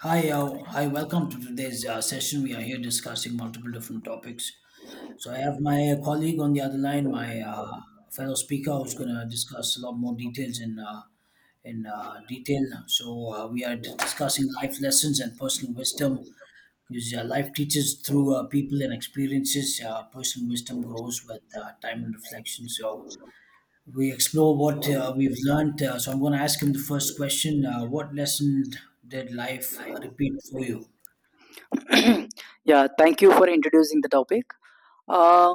Hi, hi. Welcome to today's session. We are here discussing multiple different topics. So I have my colleague on the other line, my fellow speaker, who's going to discuss a lot more details in detail. So we are discussing life lessons and personal wisdom because life teaches through people and experiences. Personal wisdom grows with time and reflection. So we explore what we've learned. So I'm going to ask him the first question: what lesson did life repeat for you? Yeah, thank you for introducing the topic. Uh,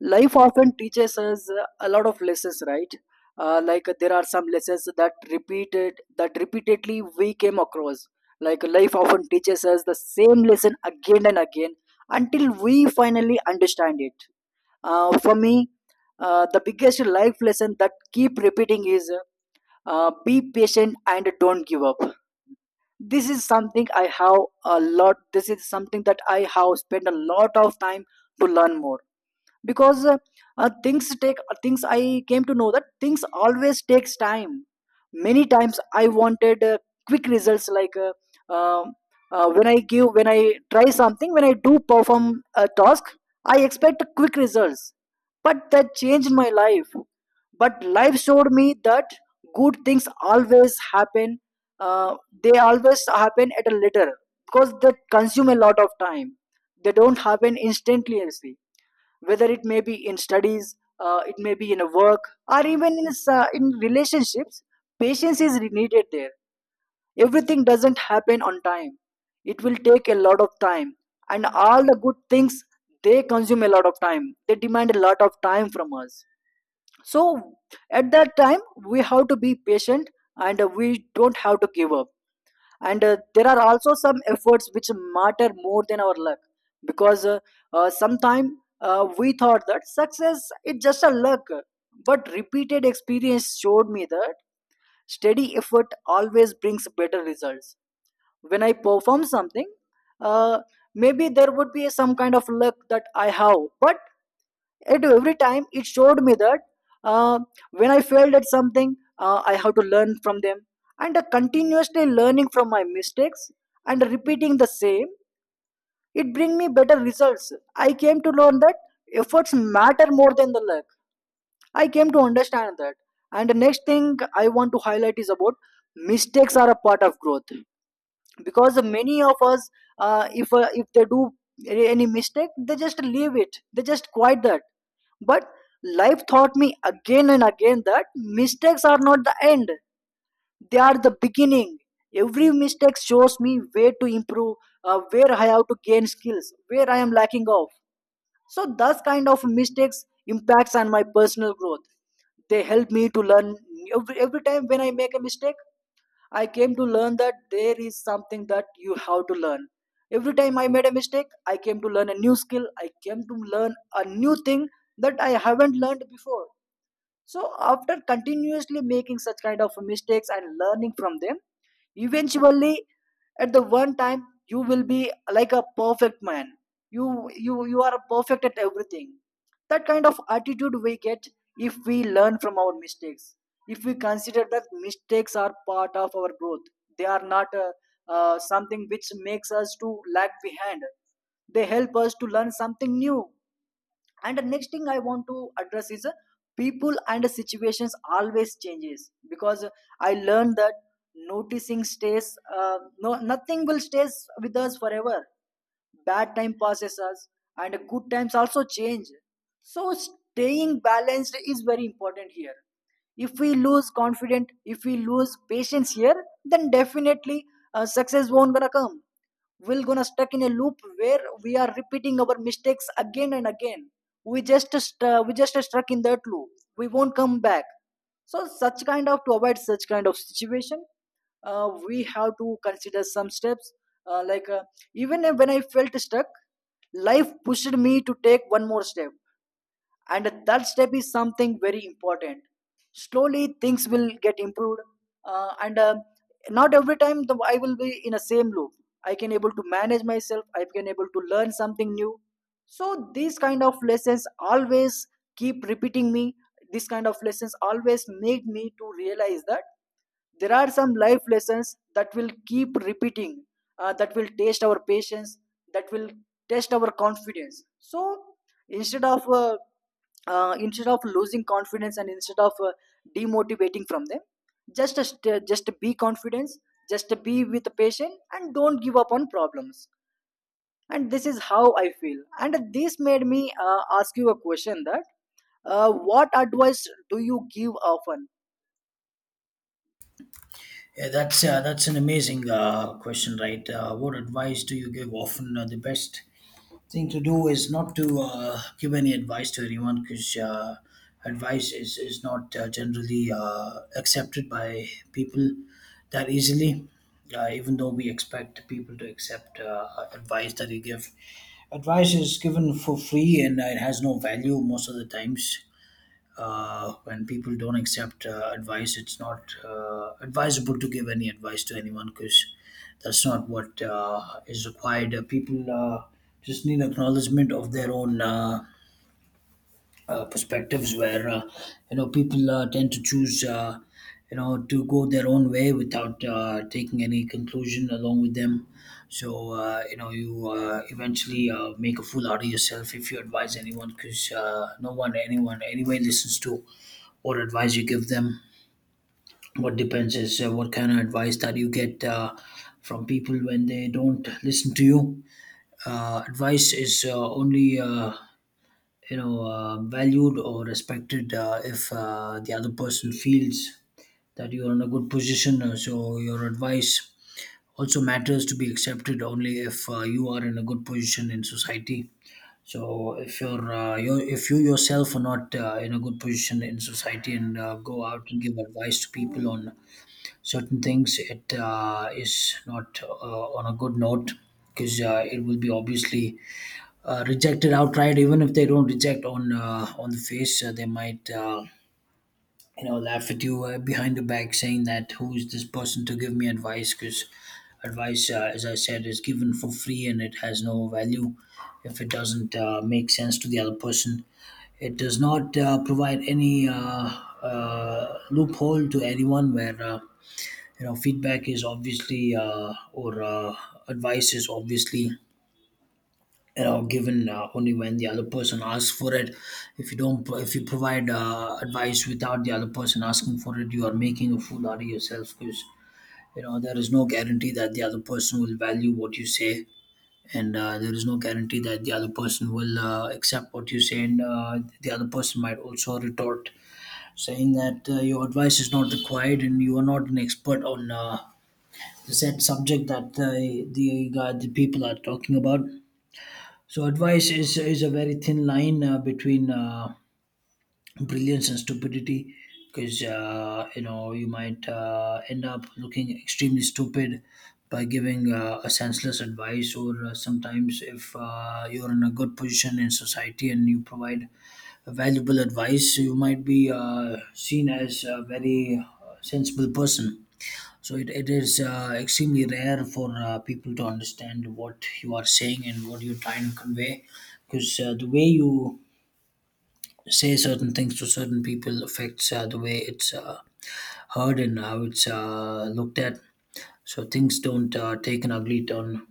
Life often teaches us a lot of lessons, right? There are some lessons that repeatedly we came across. Like life often teaches us the same lesson again and again until we finally understand it. For me, the biggest life lesson that keep repeating is be patient and don't give up. This is something I have a lot. This is something that I have spent a lot of time to learn more because things take. Things I came to know that things always takes time. Many times I wanted quick results like um when i try something when I do perform a task I expect quick results, but that changed my life but life showed me that good things always happen. uh, they always happen at a later because they consume a lot of time, they don't happen instantaneously. Whether it may be in studies, it may be in a work, or even in relationships, patience is needed there. Everything doesn't happen on time, it will take a lot of time, and all the good things, they consume a lot of time, they demand a lot of time from us. So at that time we have to be patient, and we don't have to give up. And there are also some efforts which matter more than our luck, because sometime we thought that success is just a luck, but repeated experience showed me that steady effort always brings better results. When I perform something, uh, maybe there would be some kind of luck that I have, but at every time it showed me that uh, when I failed at something, I have to learn from them. And continuously learning from my mistakes and repeating the same, it bring me better results. I came to learn that efforts matter more than the luck. I came to understand that. And the next thing I want to highlight is about mistakes are a part of growth, because many of us, if they do any mistake, they just leave it. They just quit that. But life taught me again and again that mistakes are not the end, they are the beginning. Every mistake shows me where to improve, where I have to gain skills, where I am lacking of. So those kind of mistakes impacts on my personal growth. They help me to learn every time when I make a mistake. I came to learn that there is something that you have to learn. Every time I made a mistake, I came to learn a new skill. I came to learn a new thing that I haven't learned before. So after continuously making such kind of mistakes and learning from them, eventually at the one time you will be like a perfect man. You are perfect at everything. That kind of attitude we get if we learn from our mistakes. If we consider that mistakes are part of our growth, they are not something which makes us to lag behind. They help us to learn something new. And the next thing I want to address is people and situations always changes, because I learned that noticing stays, uh, no nothing will stays with us forever. Bad time passes us and good times also change, so staying balanced is very important here. If we lose confidence, if we lose patience here, then definitely success won't gonna come. We're gonna stuck in a loop where we are repeating our mistakes again and again. We just stuck in that loop, we won't come back. So such kind of to avoid such kind of situation we have to consider some steps, uh, like uh, even when I felt stuck, life pushed me to take one more step, and that step is something very important. Slowly things will get improved. And Not every time I will be in a same loop. I can able to manage myself, I can able to learn something new. So these kind of lessons always keep repeating me. These kind of lessons always made me to realize that there are some life lessons that will keep repeating, that will test our patience, that will test our confidence. So instead of uh, instead of losing confidence, and instead of demotivating from them, just be confident, just be with the patient, and don't give up on problems. And this is how I feel, and this made me ask you a question that what advice do you give often? Yeah, that's an amazing question, right? What advice do you give? Often the best thing to do is not to give any advice to anyone, because advice is not generally accepted by people that easily. Even though we expect people to accept advice that you give, advice is given for free, and it has no value most of the times. When people don't accept advice, it's not advisable to give any advice to anyone, because that's not what is required. People just need acknowledgement of their own. Perspectives where people tend to choose, to go their own way without taking any conclusion along with them. So you eventually make a fool out of yourself if you advise anyone, because no one anyone anyway listens to. What advice you give them, what depends is what kind of advice that you get from people when they don't listen to you. Advice is only valued or respected if the other person feels that you're in a good position. So your advice also matters to be accepted only if you are in a good position in society. So if you're, if you yourself are not in a good position in society and go out and give advice to people on certain things, it is not on a good note, because it will be obviously rejected outright. Even if they don't reject on the face, they might laugh at you behind your back, saying that who is this person to give me advice, because advice, as I said, is given for free and it has no value if it doesn't make sense to the other person. It does not provide any loophole to anyone, where feedback is obviously or advice is obviously given only when the other person asks for it. If you don't pro- if you provide advice without the other person asking for it, you are making a fool out of yourself, because there is no guarantee that the other person will value what you say, and there is no guarantee that the other person will accept what you say. And the other person might also retort, saying that your advice is not required and you are not an expert on the said subject that the people are talking about. So advice is a very thin line between brilliance and stupidity, because you might end up looking extremely stupid by giving a senseless advice. Or sometimes, if you're in a good position in society and you provide valuable advice, you might be seen as a very sensible person. So it is extremely rare for people to understand what you are saying and what you're trying to convey, because the way you say certain things to certain people affects the way it's heard and how it's looked at. So things don't take an ugly turn.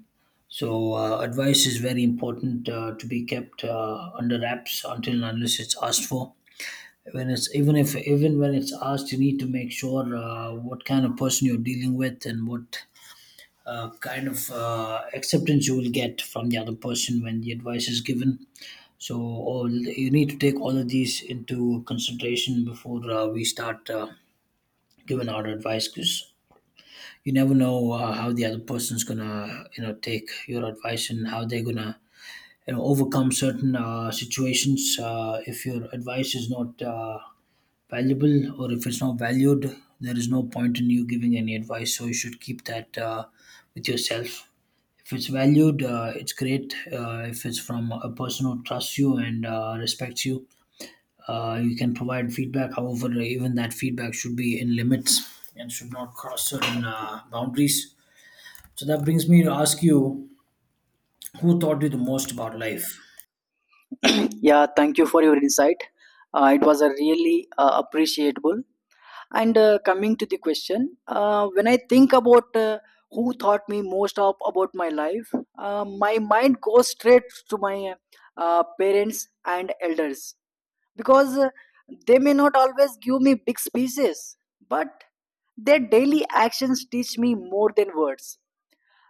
So advice is very important to be kept under wraps until and unless it's asked for. When it's even if even when it's asked, you need to make sure what kind of person you're dealing with and what kind of acceptance you will get from the other person when the advice is given. So all you need to take all of these into consideration before we start giving our advice, because you never know how the other person's gonna, take your advice and how they're gonna, overcome certain situations. If your advice is not valuable, or if it's not valued, there is no point in you giving any advice. So you should keep that with yourself. If it's valued, it's great. If it's from a person who trusts you and respects you, you can provide feedback. However, even that feedback should be in limits and should not cross certain boundaries. So that brings me to ask you, who taught you the most about life? Yeah, thank you for your insight. It was a really appreciable. And coming to the question, when I think about who taught me most of about my life, my mind goes straight to my parents and elders, because they may not always give me big speeches, but their daily actions teach me more than words.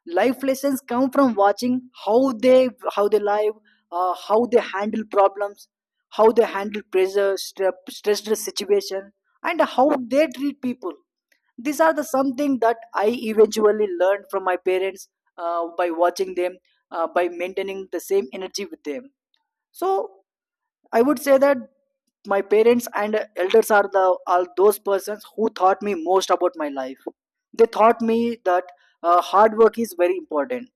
Life lessons come from watching how they live, how they handle problems, how they handle pressure stress stressful situation, and how they treat people. These are the something that I eventually learned from my parents, by watching them, by maintaining the same energy with them. So I would say that my parents and elders are the are those persons who taught me most about my life. They taught me that hard work is very important.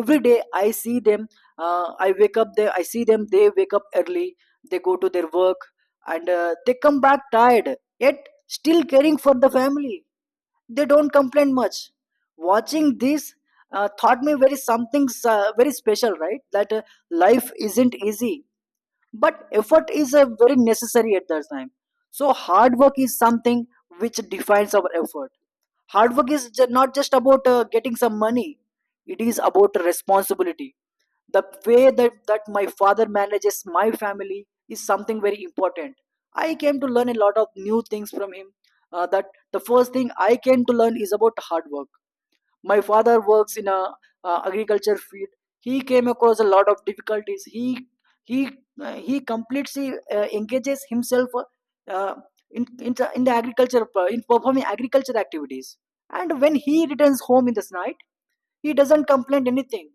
Every day I see them, I see them, they wake up early, they go to their work, and they come back tired yet still caring for the family. They don't complain much. Watching this taught me very something very special, right, that life isn't easy, but effort is very necessary at that time. So hard work is something which defines our effort. Hard work is not just about getting some money, it is about responsibility. The way that my father manages my family is something very important. I came to learn a lot of new things from him, that the first thing I came to learn is about hard work. My father works in a agriculture field. He came across a lot of difficulties. He he uh, he completely engages himself uh, in the agriculture, in performing agriculture activities. And when he returns home in this night, he doesn't complain anything.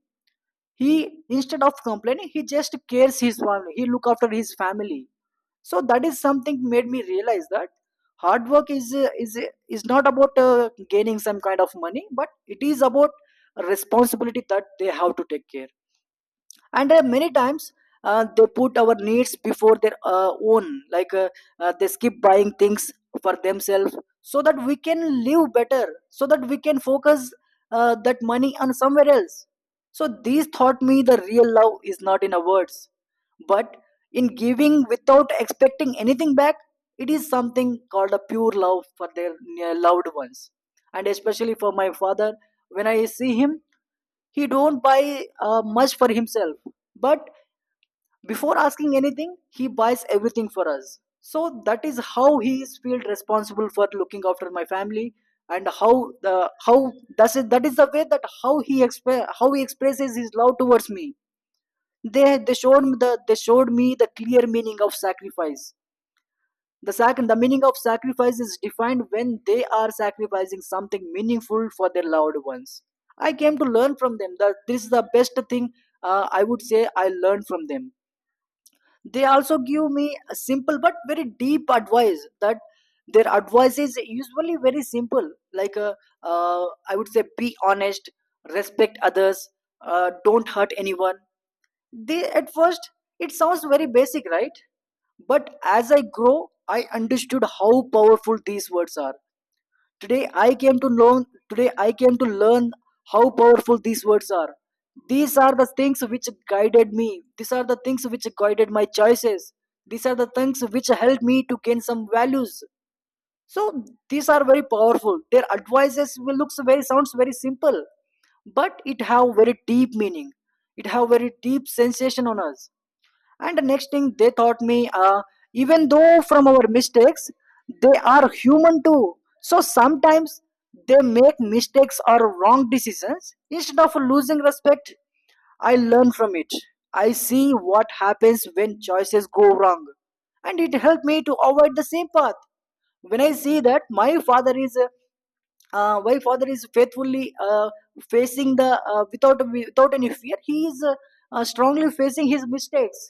He Instead of complaining, he just cares his family, he look after his family. So that is something made me realize that hard work is not about gaining some kind of money, but it is about a responsibility that they have to take care. And many times they put our needs before their own, like they skip buying things for themselves, so that we can live better, so that we can focus that money on somewhere else. So these taught me the real love is not in our words, but in giving without expecting anything back. It is something called a pure love for their loved ones. And especially for my father, when I see him, he don't buy much for himself, but before asking anything he buys everything for us. So that is how he is feel responsible for looking after my family. And how the how that's it, that is the way that how he expresses his love towards me. They showed me the clear meaning of sacrifice. The meaning of sacrifice is defined when they are sacrificing something meaningful for their loved ones. I came to learn from them that this is the best thing I would say I learned from them. They also give me a simple but very deep advice that their advice is usually very simple, like I would say be honest, respect others, don't hurt anyone. They At first it sounds very basic, right? But as I grow, I understood how powerful these words are. Today I came to learn how powerful these words are. These are the things which guided me. These are the things which guided my choices. These are the things which helped me to gain some values. So these are very powerful. Their advices will looks very sounds very simple, but it have very deep meaning. It have very deep sensation on us. And the next thing they taught me, even though from our mistakes, they are human too. So sometimes they make mistakes or wrong decisions. Instead of losing respect, I learn from it. I see what happens when choices go wrong, and it helped me to avoid the same path. When I see that my father is faithfully facing the without without any fear, he is strongly facing his mistakes.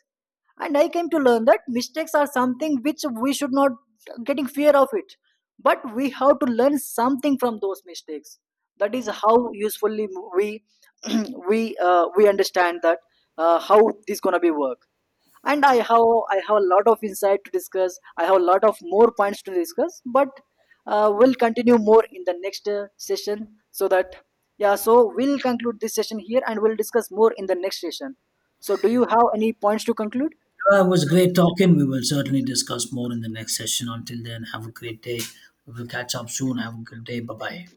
And I came to learn that mistakes are something which we should not getting fear of it, but we have to learn something from those mistakes. That is how usefully we we understand that how this gonna be work. And I have a lot of insight to discuss, I have a lot of more points to discuss, but we'll continue more in the next session. So that, yeah, so we'll conclude this session here and we'll discuss more in the next session. So do you have any points to conclude? It was great talking. We will certainly discuss more in the next session. Until then, have a great day. We will catch up soon. Have a good day. Bye bye.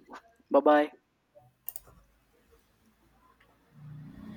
Bye bye.